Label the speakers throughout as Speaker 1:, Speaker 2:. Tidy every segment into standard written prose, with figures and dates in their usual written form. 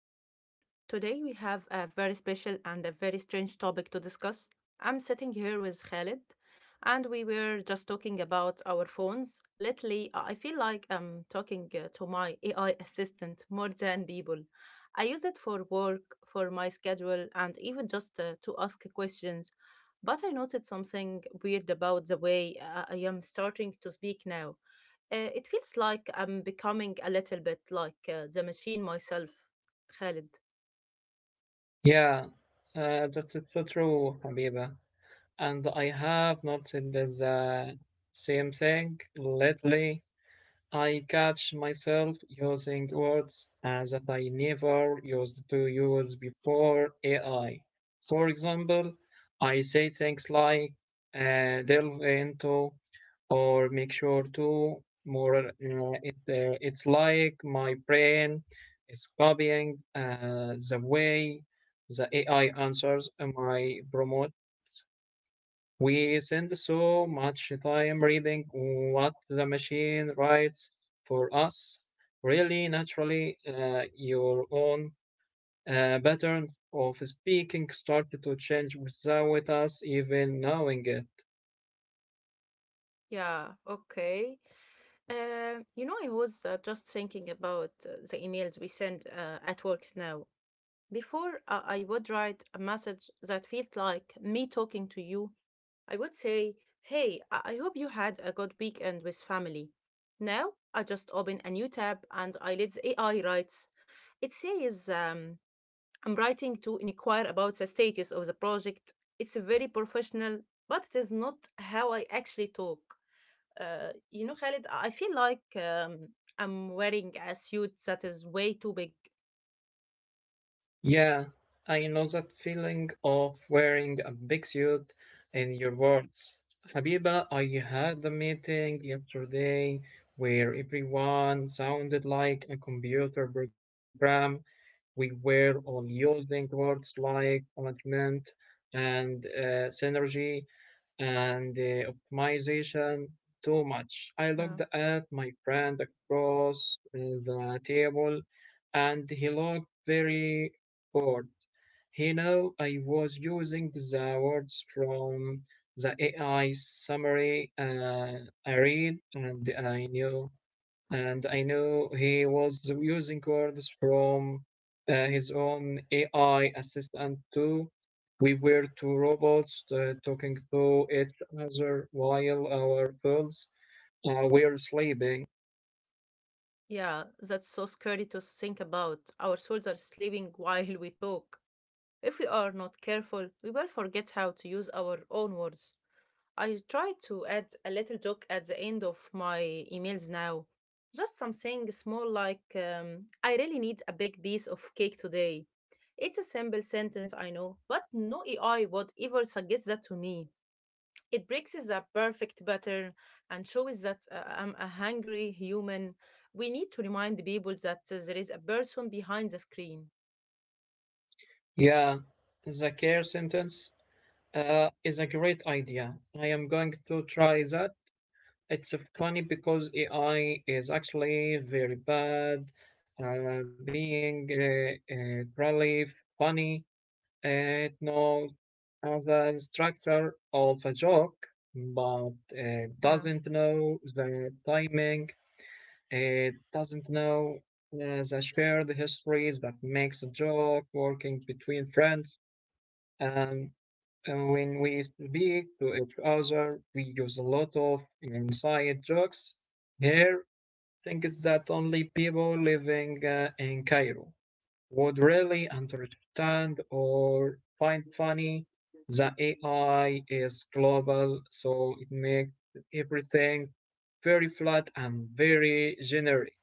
Speaker 1: you are here. Today, we have a very special and a very strange topic to discuss. I'm sitting here with Khalid, and we were just talking about our phones. Lately, I feel like I'm talking to my AI assistant more than people. I use it for work, for my schedule, and even just to ask questions. But I noticed something weird about the way I am starting to speak now. It feels like I'm becoming a little bit like the machine myself, Khalid.
Speaker 2: Yeah, that's it's so true, Habiba. And I have noticed the same thing. Mm. Lately, I catch myself using words that I never used to use before AI. For example, I say things like delve into or make sure to more. It's like my brain is copying the way the AI answers my prompt. We send so much time reading what the machine writes for us. Really, naturally, your own pattern of speaking started to change without us even knowing it.
Speaker 1: Yeah, okay. You know, I was just thinking about the emails we send at works now. Before I would write a message that felt like me talking to you, I would say, "Hey, I hope you had a good weekend with family." Now I just open a new tab and I let the AI writes. It says, I'm writing to inquire about the status of the project. It's very professional, but it is not how I actually talk. You know, Khalid, I feel like I'm wearing a suit that is way too big.
Speaker 2: Yeah, I know that feeling of wearing a big suit in your words. Habiba, I had a meeting yesterday where everyone sounded like a computer program. We were all using words like alignment and synergy and optimization too much. I
Speaker 1: Yeah.
Speaker 2: looked at my friend across the table and he looked very bored. He knew I was using the words from the AI summary I read, and I knew and I know he was using words from his own AI assistant too. We were two robots talking to each other while our phones were sleeping.
Speaker 1: Yeah, that's so scary to think about. Our souls are sleeping while we talk. If we are not careful, we will forget how to use our own words. I try to add a little joke at the end of my emails now. Just something small like, I really need a big piece of cake today. It's a simple sentence, I know, but no AI would ever suggest that to me. It breaks the perfect pattern and shows that I'm a hungry human. We need to remind people that there is a person behind the screen.
Speaker 2: Yeah, the care sentence is a great idea. I am going to try that. It's funny because AI is actually very bad, being really funny. It knows the structure of a joke, but it
Speaker 1: Yeah.
Speaker 2: doesn't know the timing. It doesn't know the shared histories that makes a joke working between friends. And when we speak to each other, we use a lot of inside jokes. Here, things that only people living in Cairo would really understand or find funny. The AI is global, so it makes everything very flat and very generic.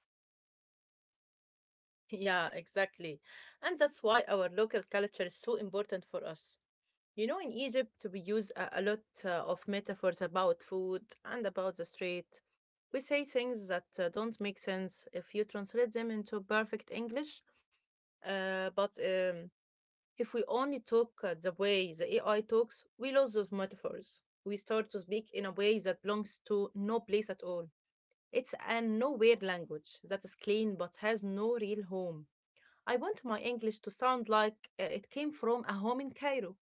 Speaker 1: Yeah, exactly. And that's why our local culture is so important for us. You know, in Egypt, we use a lot of metaphors about food and about the street. We say things that don't make sense if you translate them into perfect English, but if we only talk the way the AI talks, we lose those metaphors. We start to speak in a way that belongs to no place at all. It's a nowhere language that is clean but has no real home. I want my English to sound like it came from a home in Cairo.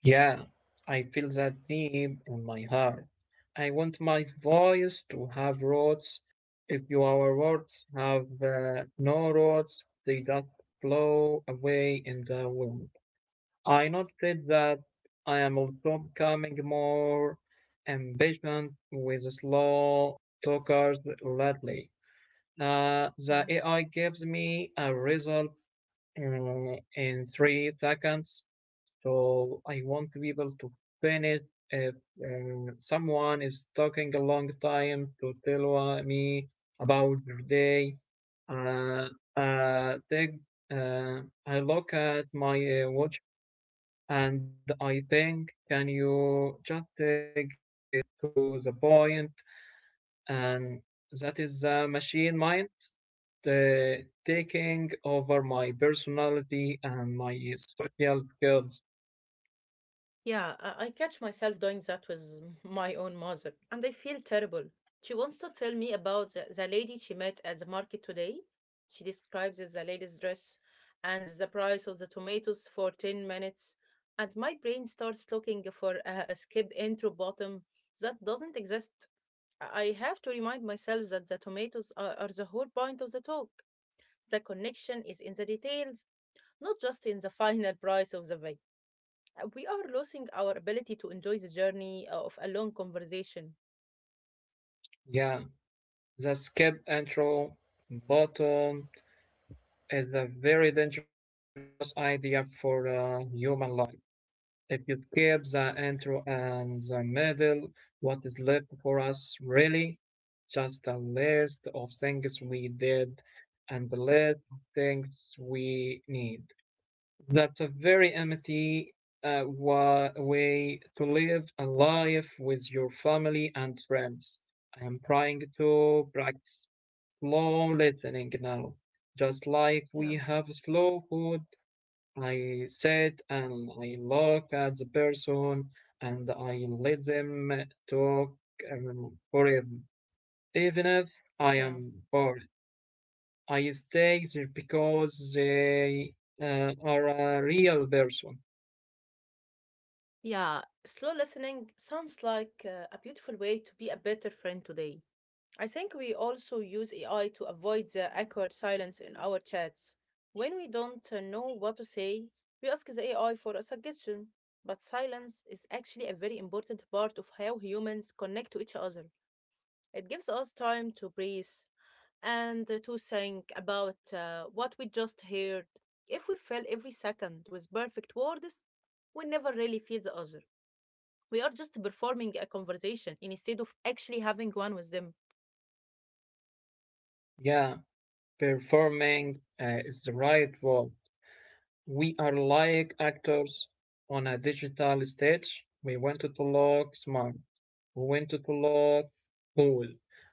Speaker 2: Yeah, I feel that deep in my heart. I want my voice to have roots. If your words have no roots, they just blow away in the wind. I noticed that I am also becoming more impatient with slow talkers lately. The
Speaker 1: Uh,
Speaker 2: AI gives me a result in 3 seconds, so I want to be able to finish if someone is talking a long time to tell me about their day. Uh, uh, they, uh, I look at my watch and I think, can you just take it to the point, and that is the machine mind taking over my personality and my social skills.
Speaker 1: Yeah, I catch myself doing that with my own mother, and I feel terrible. She wants to tell me about the lady she met at the market today. She describes the lady's dress and the price of the tomatoes for 10 minutes, and my brain starts looking for a skip intro bottom that doesn't exist. I have to remind myself that the tomatoes are the whole point of the talk. The connection is in the details, not just in the final price of the veg. We are losing our ability to enjoy the journey of a long conversation.
Speaker 2: Yeah, the skip intro button is a very dangerous idea for a human life. If you keep the intro and the middle, what is left for us really? Just a list of things we did and the list of things we need. That's a very empty way to live a life with your family and friends. I am trying to practice slow listening now, just like
Speaker 1: Yeah,
Speaker 2: we have slow food. I sit and I look at the person and I let them talk forever. Even if I
Speaker 1: yeah,
Speaker 2: am bored, I stay there because they are a real person.
Speaker 1: yeah, slow listening sounds like a beautiful way to be a better friend today. I think we also use AI to avoid the awkward silence in our chats. When we don't know what to say, we ask the AI for a suggestion. But silence is actually a very important part of how humans connect to each other. It gives us time to breathe, and to think about what we just heard. If we fill every second with perfect words, we never really feel the other. We are just performing a conversation instead of actually having one with them.
Speaker 2: Yeah, performing is the right word. We are like actors on a digital stage. We wanted to look smart. We wanted to look cool.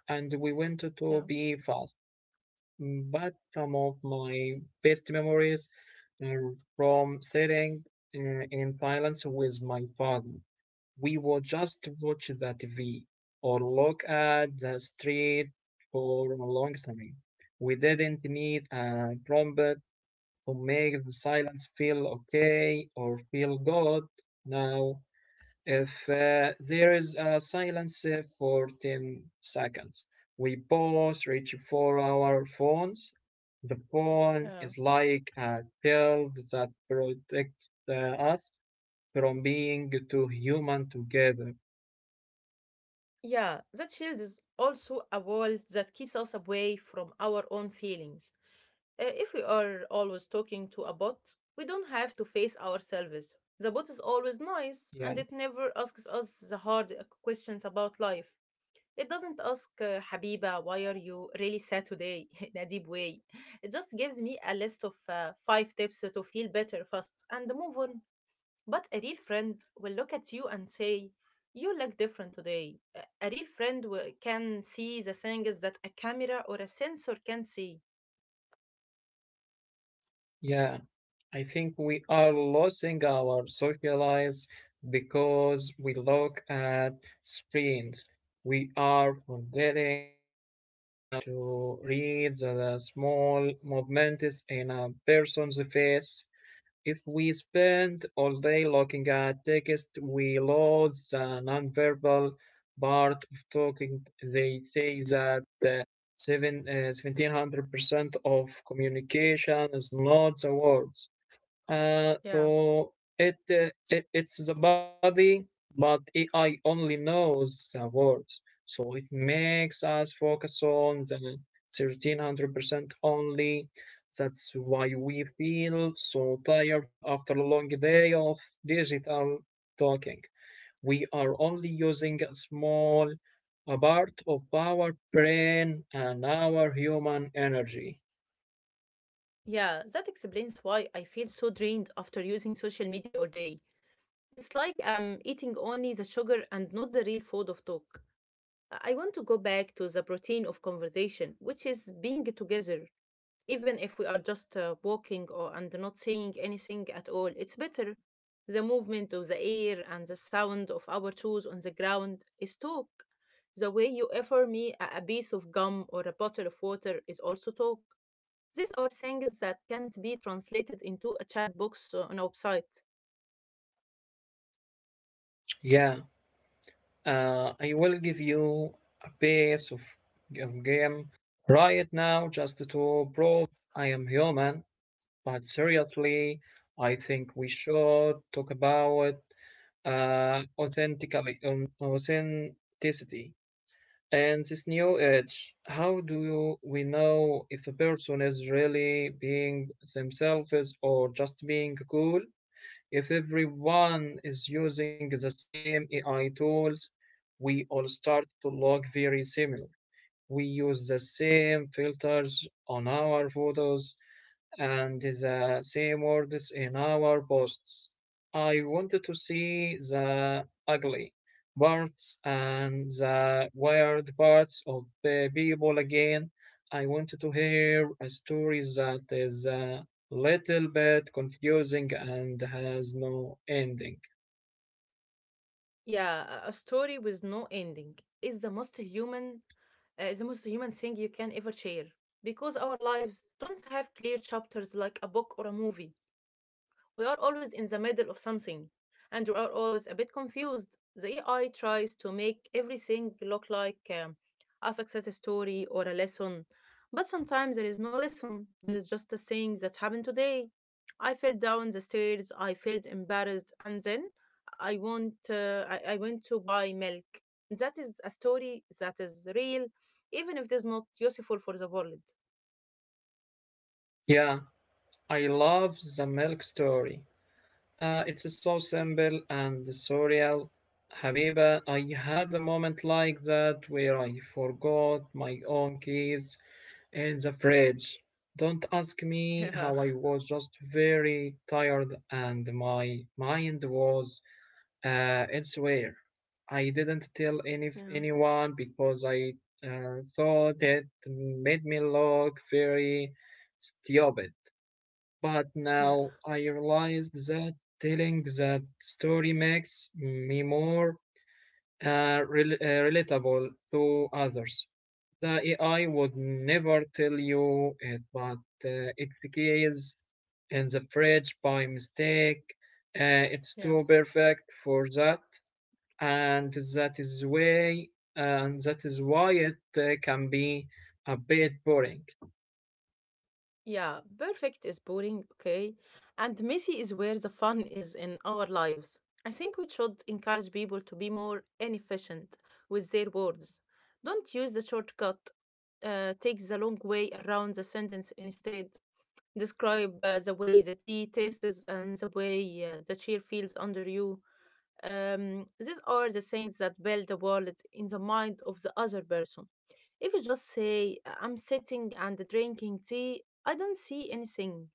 Speaker 2: And we wanted to
Speaker 1: Yeah.
Speaker 2: be fast. But some of my best memories are from sitting uh, in silence with my father. We would just watch the TV or look at the street for a long time. We didn't need a trumpet who make the silence feel okay or feel good. Now, if there is a silence for 10 seconds, we both reach for our phones. The phone
Speaker 1: Yeah.
Speaker 2: is like a shield that protects us from being too human together.
Speaker 1: Yeah, that shield is also a wall that keeps us away from our own feelings. If we are always talking to a bot, we don't have to face ourselves. The bot is always nice
Speaker 2: Yeah,
Speaker 1: and it never asks us the hard questions about life. It doesn't ask, "Habiba, why are you really sad today" in a deep way. It just gives me a list of five tips to feel better fast and move on. But a real friend will look at you and say, "You look different today." A real friend can see the things that a camera or a sensor can see.
Speaker 2: yeah. I think we are losing our social lives because we look at screens. We are forgetting how to read the small movements in a person's face. If we spend all day looking at text, we lose the nonverbal part of talking. They say that 1700% of communication is not the words.
Speaker 1: Yeah.
Speaker 2: It it's the body, but AI only knows the words, so it makes us focus on the 1300% only. That's why we feel so tired after a long day of digital talking. We are only using a small a part of our brain and our human energy.
Speaker 1: Yeah, that explains why I feel so drained after using social media all day. It's like I'm eating only the sugar and not the real food of talk. I want to go back to the protein of conversation, which is being together, even if we are just walking or and not saying anything at all. It's better. The movement of the air and the sound of our shoes on the ground is talk. The way you offer me a piece of gum or a bottle of water is also talk. These are things that can't be translated into a chat box on a website.
Speaker 2: Yeah. I will give you a piece of game right now just to prove I am human. But seriously, I think we should talk about authenticity and this new age. How do we know if a person is really being themselves or just being cool? If everyone is using the same AI tools, we all start to look very similar. We use the same filters on our photos, and the same words in our posts. I wanted to see the ugly parts and the weird parts of people again. I wanted to hear a story that is a little bit confusing and has no ending.
Speaker 1: Yeah, a story with no ending is the most human thing you can ever share because our lives don't have clear chapters like a book or a movie. We are always in the middle of something, and we are always a bit confused. The AI tries to make everything look like a success story or a lesson, but sometimes there is no lesson. There is just a thing that happened today. I fell down the stairs. I felt embarrassed, and then I went to buy milk. That is a story that is real, even if it is not useful for the world.
Speaker 2: Yeah, I love the milk story. It's so simple and surreal. Habiba, I had a moment like that where I forgot my own keys in the fridge. Don't ask me how. I was just very tired and my mind was elsewhere. I didn't tell
Speaker 1: Yeah.
Speaker 2: anyone because I thought it made me look very stupid. But
Speaker 1: Yeah,
Speaker 2: now I realized that telling that story makes me more relatable to others. The AI would never tell you it, but it stays in the fridge by mistake. It's
Speaker 1: yeah, yeah.
Speaker 2: too perfect for that, and that is way, and that is why it can be a bit boring.
Speaker 1: Yeah, perfect is boring, okay? And messy is where the fun is in our lives. I think we should encourage people to be more inefficient with their words. Don't use the shortcut, take the long way around the sentence instead. Describe the way the tea tastes and the way the chair feels under you. These are the things that build the world in the mind of the other person. If you just say, "I'm sitting and drinking tea," I don't see anything.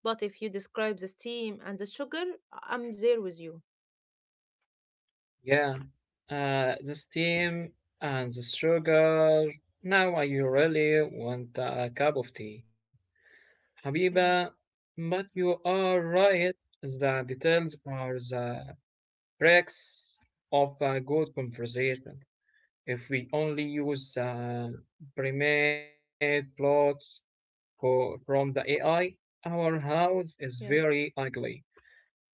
Speaker 1: But if you describe the steam and the sugar, I'm there with you.
Speaker 2: Yeah, the steam and the sugar. Now I really want a cup of tea, Habiba.
Speaker 1: Yeah,
Speaker 2: But you are right. The details are the breaks of a good conversation. If we only use the pre-made plots from the AI, our house is very ugly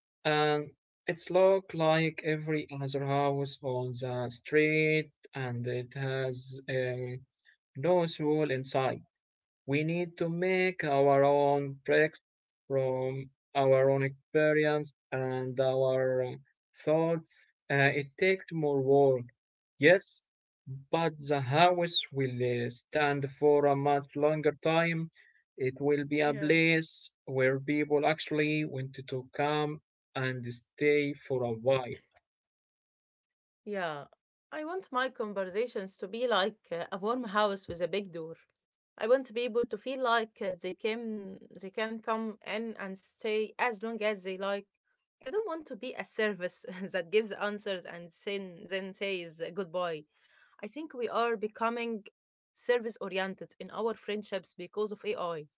Speaker 2: and it's look like every other house on the street, and it has a nose hole inside. We need to make our own bricks from our own experience and our thoughts. It takes more work, yes, but the house will stand for a much longer time. It will be a
Speaker 1: yeah.
Speaker 2: place where people actually want to come and stay for a while.
Speaker 1: Yeah, I want my conversations to be like a warm house with a big door. I want people to feel like they can come in and stay as long as they like. I don't want to be a service that gives answers then says goodbye. I think we are becoming service oriented in our friendships because of AI.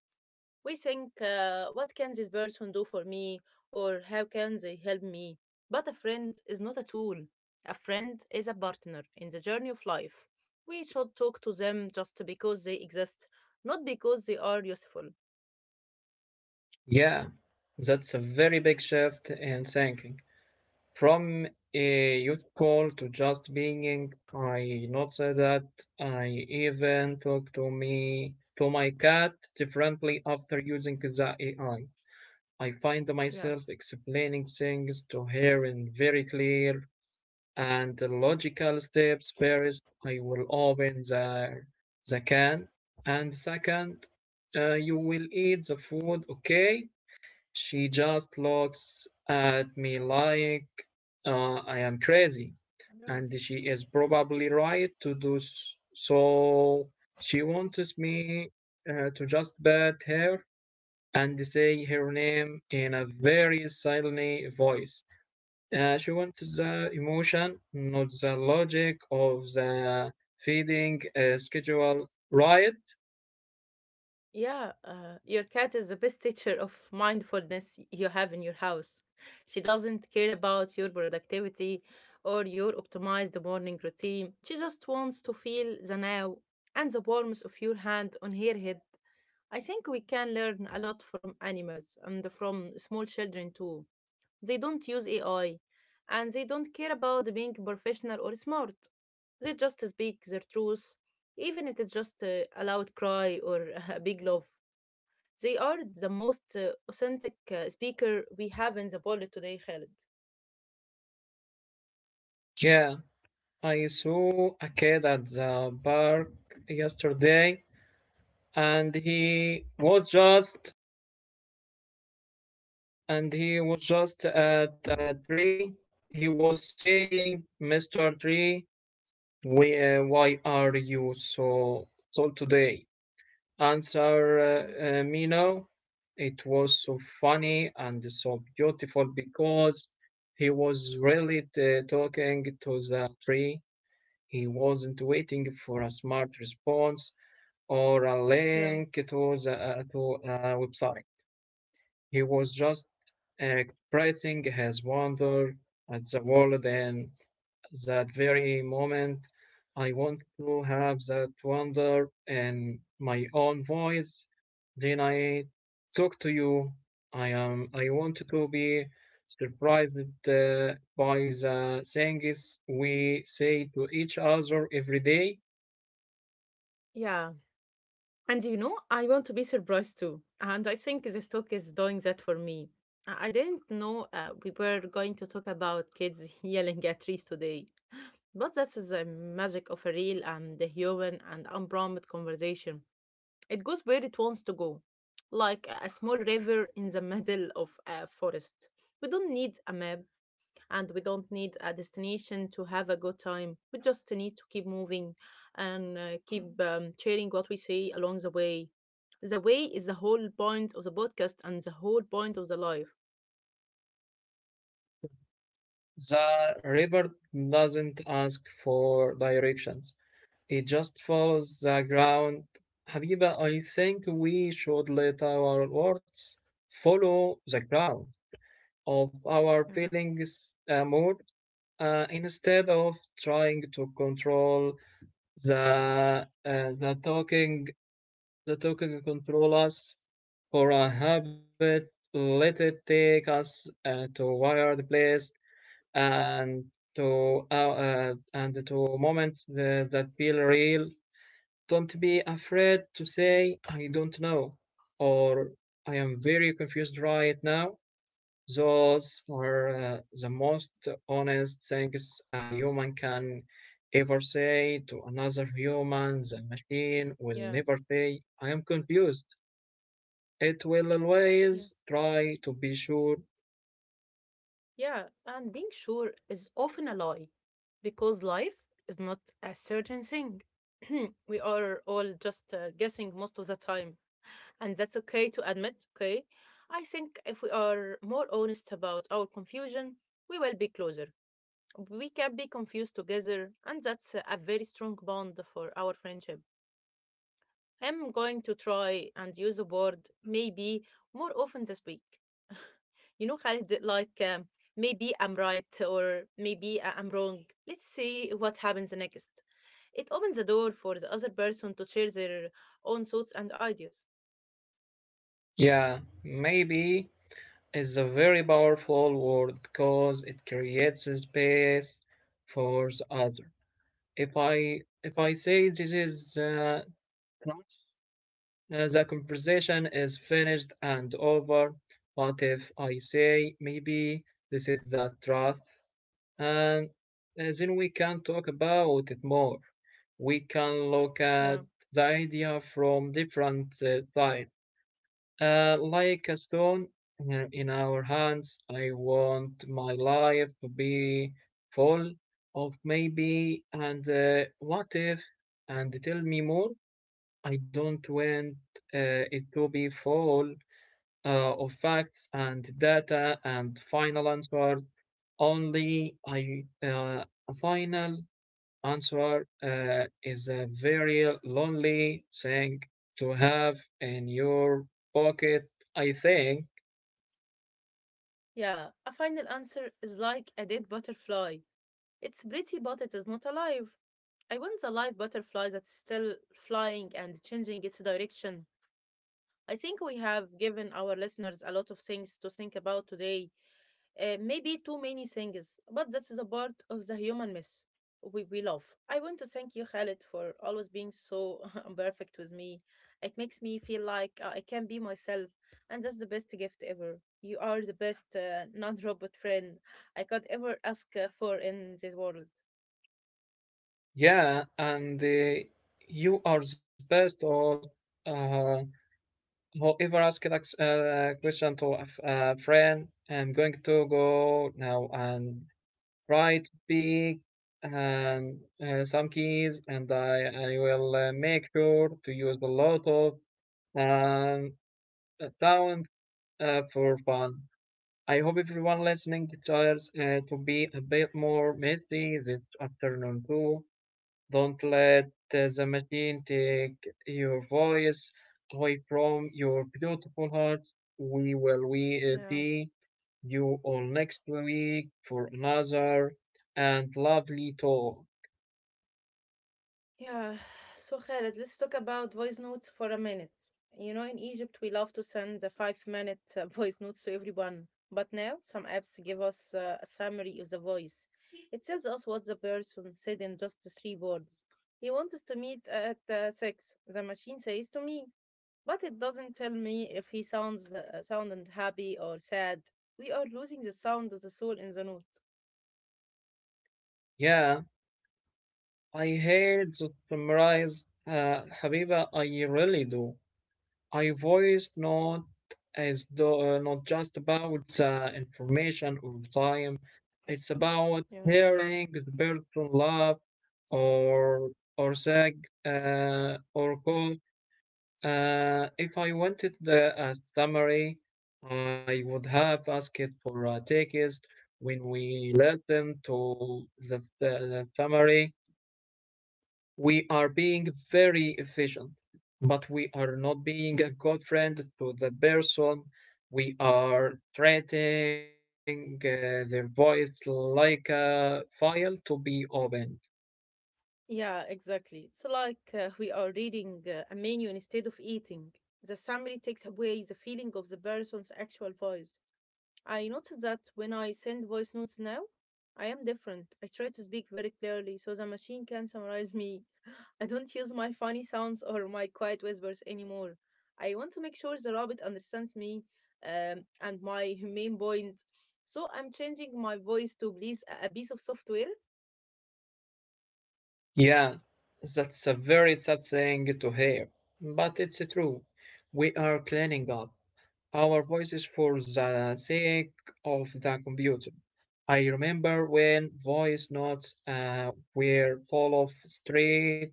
Speaker 1: We think, what can this person do for me? Or how can they help me? But a friend is not a tool. A friend is a partner in the journey of life. We should talk to them just because they exist, not because they are useful.
Speaker 2: Yeah, that's a very big shift in thinking. From a youth call to just being, I noticed that I even talk to my cat differently after using the AI. I find
Speaker 1: Yeah.
Speaker 2: myself explaining things to her in very clear and logical steps. First, I will open the can, and second, you will eat the food, okay? She just looks at me like I am crazy, and
Speaker 1: Yes.
Speaker 2: she is probably right to do so. She wants me to just bat her and say her name in a very silent voice. She wants the emotion, not the logic of the feeding schedule, right?
Speaker 1: Yeah, your cat is the best teacher of mindfulness you have in your house. She doesn't care about your productivity or your optimized morning routine. She just wants to feel the now and the warmth of your hand on her head. I think we can learn a lot from animals and from small children too. They don't use AI and they don't care about being professional or smart. They just speak their truth, even if it's just a loud cry or a big love. They are the most authentic speaker we have in the world today, Khalid.
Speaker 2: Yeah, I saw a kid at the park yesterday, and he was just at a tree. He was saying, "Mr. Tree, why are you so so today?" Answer
Speaker 1: Yeah.
Speaker 2: me no. It was so funny and so beautiful because he was really talking to the tree. He wasn't waiting for a smart response or a
Speaker 1: Yeah.
Speaker 2: link to the to a website. He was just expressing his wonder at the world and that very moment. I want to have that wonder in my own voice. Then I talk to you. I am. I want to be surprised by the things we say to each other every day.
Speaker 1: Yeah. And you know, I want to be surprised too. And I think this talk is doing that for me. I didn't know we were going to talk about kids yelling at trees today. But that's the magic of a real and the human and unprompted conversation. It goes where it wants to go, like a small river in the middle of a forest. We don't need a map, and we don't need a destination to have a good time. We just need to keep moving and keep sharing what we see along the way. The way is the whole point of the podcast and the whole point of the life.
Speaker 2: The river doesn't ask for directions. It just follows the ground. Habiba, I think we should let our words follow the ground of our
Speaker 1: Yeah,
Speaker 2: feelings more, instead of trying to control the talking. The talking control us for a habit. Let it take us to wired place and to moments that feel real. Don't be afraid to say I don't know, or I am very confused right now. Those are the most honest things a human can ever say to another human. The machine will
Speaker 1: yeah,
Speaker 2: never say, I am confused. It will
Speaker 1: yeah,
Speaker 2: always try to be sure.
Speaker 1: yeah. And being sure is often a lie because life is not a certain thing. We are all just guessing most of the time, and that's okay to admit, okay? I think if we are more honest about our confusion, we will be closer. We can be confused together, and that's a very strong bond for our friendship. I'm going to try and use the word maybe more often this week. You know, Khalid, like maybe I'm right or maybe I'm wrong. Let's see what happens next. It opens the door for the other person to share their own thoughts and ideas.
Speaker 2: Yeah, maybe is a very powerful word because it creates a space for the other. If I say this is trust, the conversation is finished and over. What if I say maybe this is the truth? And then we can talk about it more. We can look at
Speaker 1: Um,
Speaker 2: the idea from different sides. Like a stone in our hands, I want my life to be full of maybe and what if, and tell me more. I don't want it to be full of facts and data and final answer. Only I a final answer is a very lonely thing to have in your pocket. I think,
Speaker 1: Yeah, a final answer is like a dead butterfly. It's pretty, but it is not alive. I want the live butterfly that's still flying and changing its direction. I think we have given our listeners a lot of things to think about today, maybe too many things, but that's the part of the human mess we love. I want to thank you, Khaled, for always being so perfect with me. It makes me feel like I can be myself, and that's the best gift ever. You are the best non robot friend I could ever ask for in this world.
Speaker 2: yeah, and you are the best or uh, whoever asked a question to a a friend. I'm going to go now and Right pick and some keys, and I will make sure to use a lot of um, sound for fun. I hope everyone listening desires to be a bit more messy this afternoon too. Don't let the machine take your voice away from your beautiful heart. We will we
Speaker 1: Yeah.
Speaker 2: see you all next week for another and lovely talk.
Speaker 1: Yeah, so Khaled, let's talk about voice notes for a minute. You know, in Egypt, we love to send a 5 minute voice notes to everyone. But now, some apps give us a summary of the voice. It tells us what the person said in just three words. He wants us to meet at six, the machine says to me. But it doesn't tell me if he sounded happy or sad. We are losing the sound of the soul in the note.
Speaker 2: Yeah, I hate to summarize, Habiba. I really do. I voiced not not just about the information or time, it's about
Speaker 1: Yeah.
Speaker 2: hearing the person laugh or or sag or call. If I wanted a summary, I would have asked for a text when we listen to the summary. We are being very efficient, but we are not being a good friend to the person. We are treating their voice like a file to be opened.
Speaker 1: Yeah, exactly. It's like we are reading a menu instead of eating. The summary takes away the feeling of the person's actual voice. I noticed that when I send voice notes now, I am different. I try to speak very clearly so the machine can summarize me. I don't use my funny sounds or my quiet whispers anymore. I want to make sure the robot understands me, and my main point. So I'm changing my voice to please a piece of software.
Speaker 2: Yeah, that's a very sad thing to hear, but it's true. We are cleaning up our voices for the sake of the computer. I remember when voice notes were full of street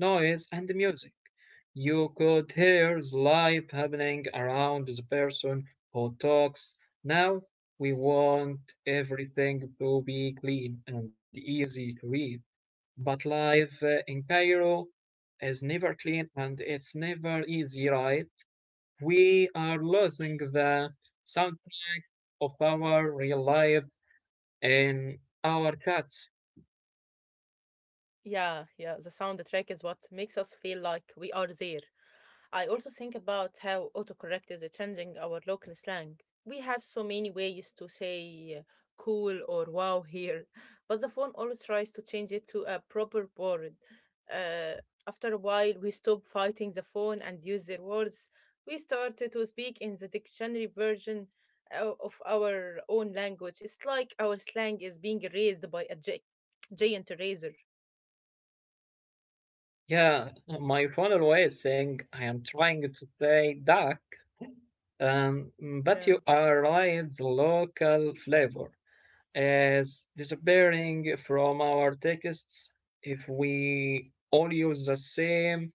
Speaker 2: noise and music. You could hear the life happening around the person who talks. Now we want everything to be clean and easy to read. But life in Cairo is never clean and it's never easy, right? We are losing the soundtrack of our real life in our cuts.
Speaker 1: Yeah, yeah, the soundtrack is what makes us feel like we are there. I also think about how autocorrect is changing our local slang. We have so many ways to say cool or wow here, but the phone always tries to change it to a proper word. Uh, After a while, we stop fighting the phone and use their words. We start to speak in the dictionary version of our own language. It's like our slang is being raised by a giant razor.
Speaker 2: Yeah, my phone always saying I am trying to say duck, um, but
Speaker 1: Yeah.
Speaker 2: you are right, the local flavor is disappearing from our texts if we all use the same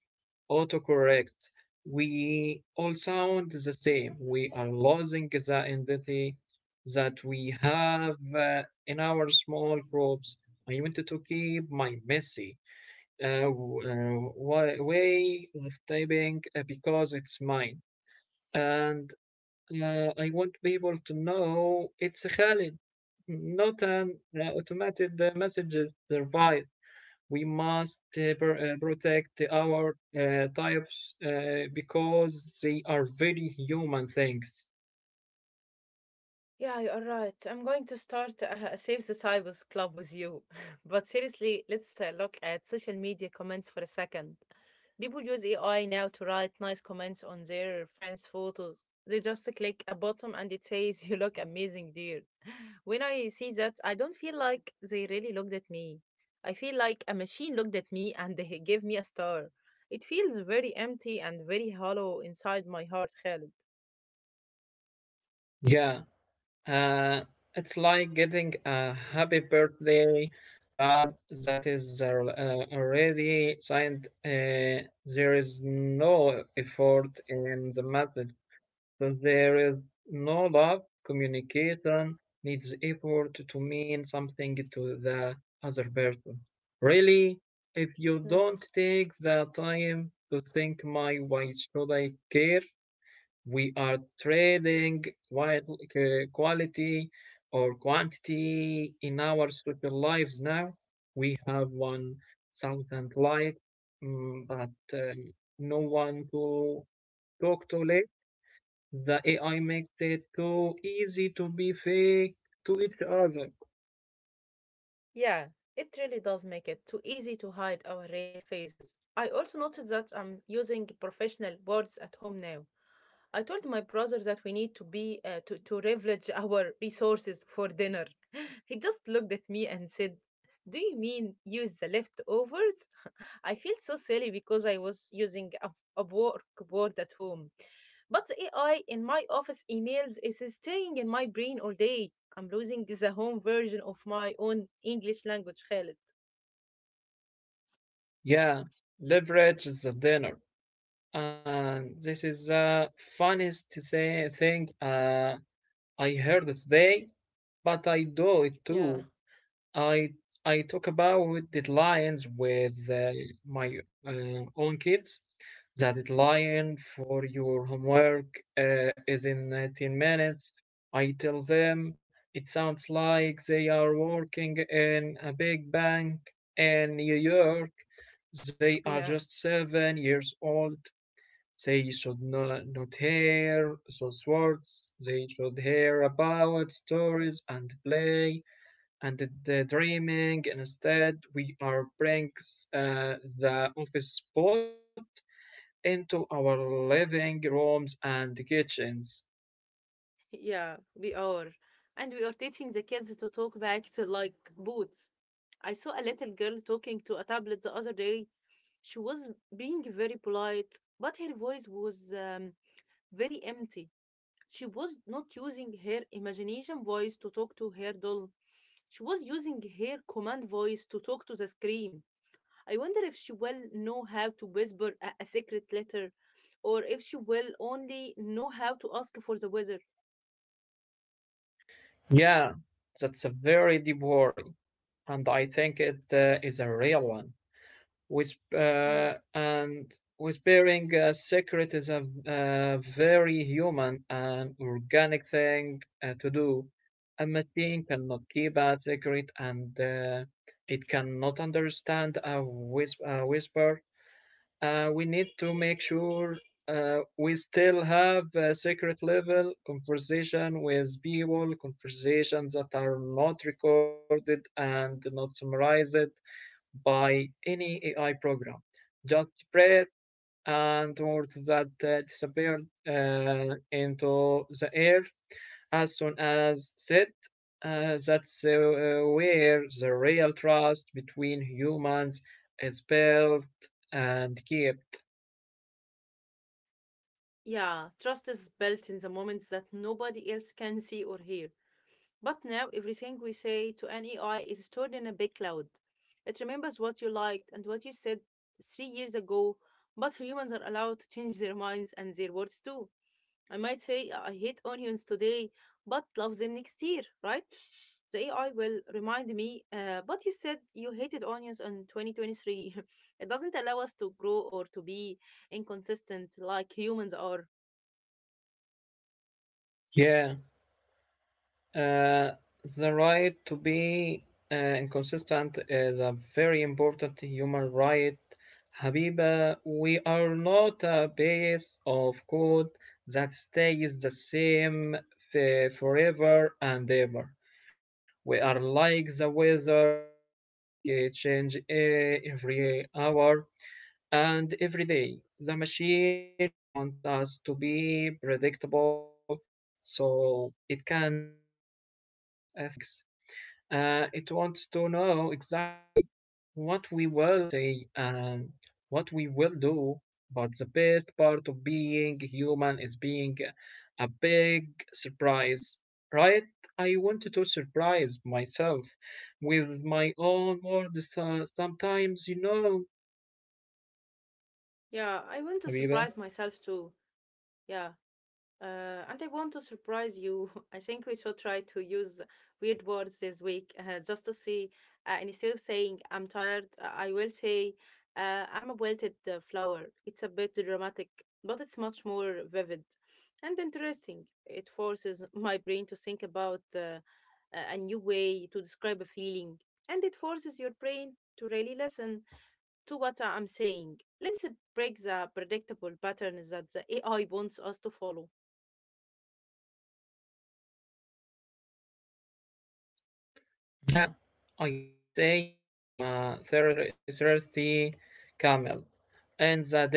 Speaker 2: autocorrect, we all sound the same. We are losing the identity that we have in our small groups. I wanted to keep my messy uh, uh, way of typing because it's mine. And I want people to know it's Khalid, not an automated message device. We must protect our types because they are very human things.
Speaker 1: Yeah, you are right. I'm going to start a Save the Cyborgs club with you. But seriously, let's look at social media comments for a second. People use AI now to write nice comments on their friends' photos. They just click a button and it says, "You look amazing, dear." When I see that, I don't feel like they really looked at me. I feel like a machine looked at me and they gave me a star. It feels very empty and very hollow inside my heart, Khaled.
Speaker 2: Yeah, uh, it's like getting a happy birthday card that is already signed. There is no effort in the math, that there is no love. Communication needs effort to mean something to the other person. Really, if you don't take the time to think my why should I care, we are trading quality or quantity in our social lives now. We have 1,000 likes, mm, but no one to talk to. The AI makes it too easy to be fake to each other.
Speaker 1: Yeah, it really does make it too easy to hide our real faces. I also noticed that I'm using professional words at home now. I told my brother that we need to be to leverage our resources for dinner. He just looked at me and said, "Do you mean use the leftovers?" I felt so silly because I was using a workboard at home. But the AI in my office emails is staying in my brain all day. I'm losing the home version of my own English language, Khaled.
Speaker 2: Yeah, leverage the dinner. And this is the funniest say, thing I heard today, but I do it
Speaker 1: Yeah,
Speaker 2: too. I I talk about deadlines with my own kids. The deadline for your homework is in 10 minutes. I tell them it sounds like they are working in a big bank in New York. They are just
Speaker 1: yeah.
Speaker 2: 7 years old. They should not hear those words. They should hear about stories and play and the dreaming. Instead, we are bring the office spot into our living rooms and kitchens.
Speaker 1: Yeah, we are. And we are teaching the kids to talk back to like boots. I saw a little girl talking to a tablet the other day. She was being very polite, but her voice was very empty. She was not using her imagination voice to talk to her doll. She was using her command voice to talk to the screen. I wonder if she will know how to whisper a secret letter, or if she will only know how to ask for the weather.
Speaker 2: Yeah, that's a very deep worry, and I think it is a real one. with uh, and with bearing secret is a very human and organic thing to do. A machine cannot keep a secret and it cannot understand a, a whisper. We need to make sure we still have a secret level conversation with people, conversations that are not recorded and not summarized by any AI program. Just spread and words that disappeared into the air as soon as said. That's where the real trust between humans is built and kept.
Speaker 1: Yeah, trust is built in the moments that nobody else can see or hear. But now everything we say to an AI is stored in a big cloud. It remembers what you liked and what you said 3 years ago, but humans are allowed to change their minds and their words too. I might say, I hate onions today, but love them next year, right? The AI will remind me, but you said you hated onions in 2023. It doesn't allow us to grow or to be inconsistent like humans are.
Speaker 2: Yeah. Uh, the right to be inconsistent is a very important human right. Habiba, we are not a base of code that stays the same forever and ever. We are like the weather, we get change eh, every hour and every day. The machine wants us to be predictable so it can sell us things. It wants to know exactly what we will say and what we will do. But the best part of being human is being a big surprise, right? I wanted to surprise myself with my own words sometimes, you know,
Speaker 1: Yeah, I want to
Speaker 2: Habiba.
Speaker 1: surprise myself too. Yeah. And I want to surprise you. I think we should try to use weird words this week, just to see. And instead of saying I'm tired, I will say I'm a wilted flower. It's a bit dramatic, but it's much more vivid and interesting. It forces my brain to think about a new way to describe a feeling, and it forces your brain to really listen to what I'm saying. Let's break the predictable patterns that the AI wants us to follow.
Speaker 2: Yeah, I will say I am a thirsty camel in the desert,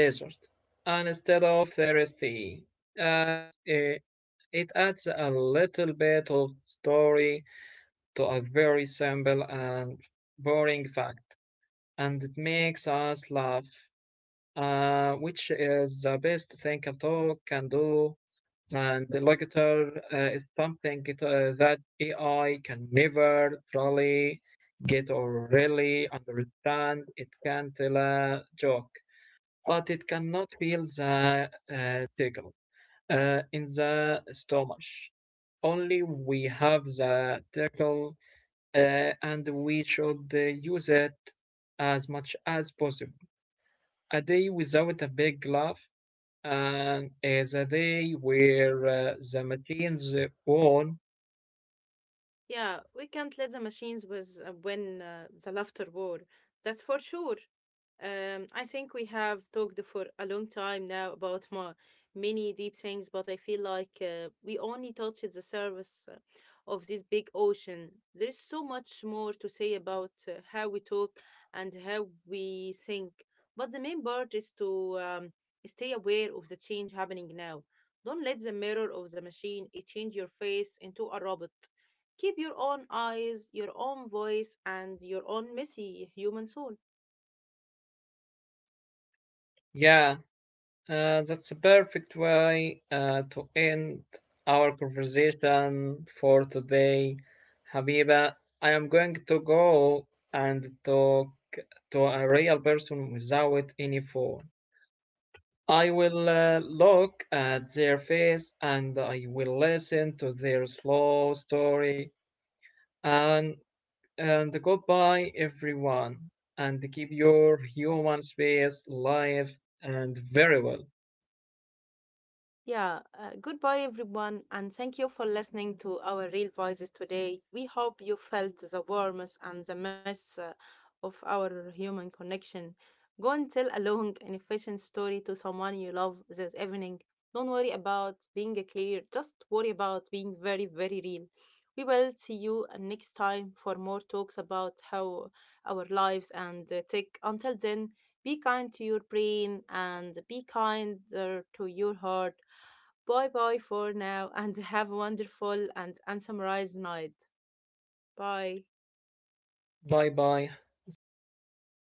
Speaker 2: and instead of thirsty, at, it it adds a little bit of story to a very simple and boring fact, and it makes us laugh, which is the best thing a dog can do. And the locator is something that AI can never truly get or really understand. It can tell a joke but it cannot feel the tickle in the stomach. Only we have the tickle and we should use it as much as possible. A day without a big laugh and is a day where the machines won.
Speaker 1: Yeah, we can't let the machines win the laughter war. That's for sure. I think we have talked for a long time now about my many deep things, but I feel like we only touched the surface of this big ocean. There is so much more to say about how we talk and how we think, but the main part is to stay aware of the change happening now. Don't let the mirror of the machine it change your face into a robot. Keep your own eyes, your own voice, and your own messy human soul.
Speaker 2: Yeah, that's a perfect way to end our conversation for today. Habiba, I am going to go and talk to a real person without any phone. I will look at their face and I will listen to their slow story. And, and goodbye, everyone. And keep your human space alive and very well.
Speaker 1: Yeah, goodbye everyone, and thank you for listening to our real voices today. We hope you felt the warmth and the mess of our human connection. Go and tell a long and efficient story to someone you love this evening. Don't worry about being clear, just worry about being very, very real. We will see you next time for more talks about how our lives and tech. Until then, be kind to your brain and be kinder to your heart. Bye bye for now and have a wonderful and unsummarized night. Bye.
Speaker 2: Bye bye. Thanks, Habiba.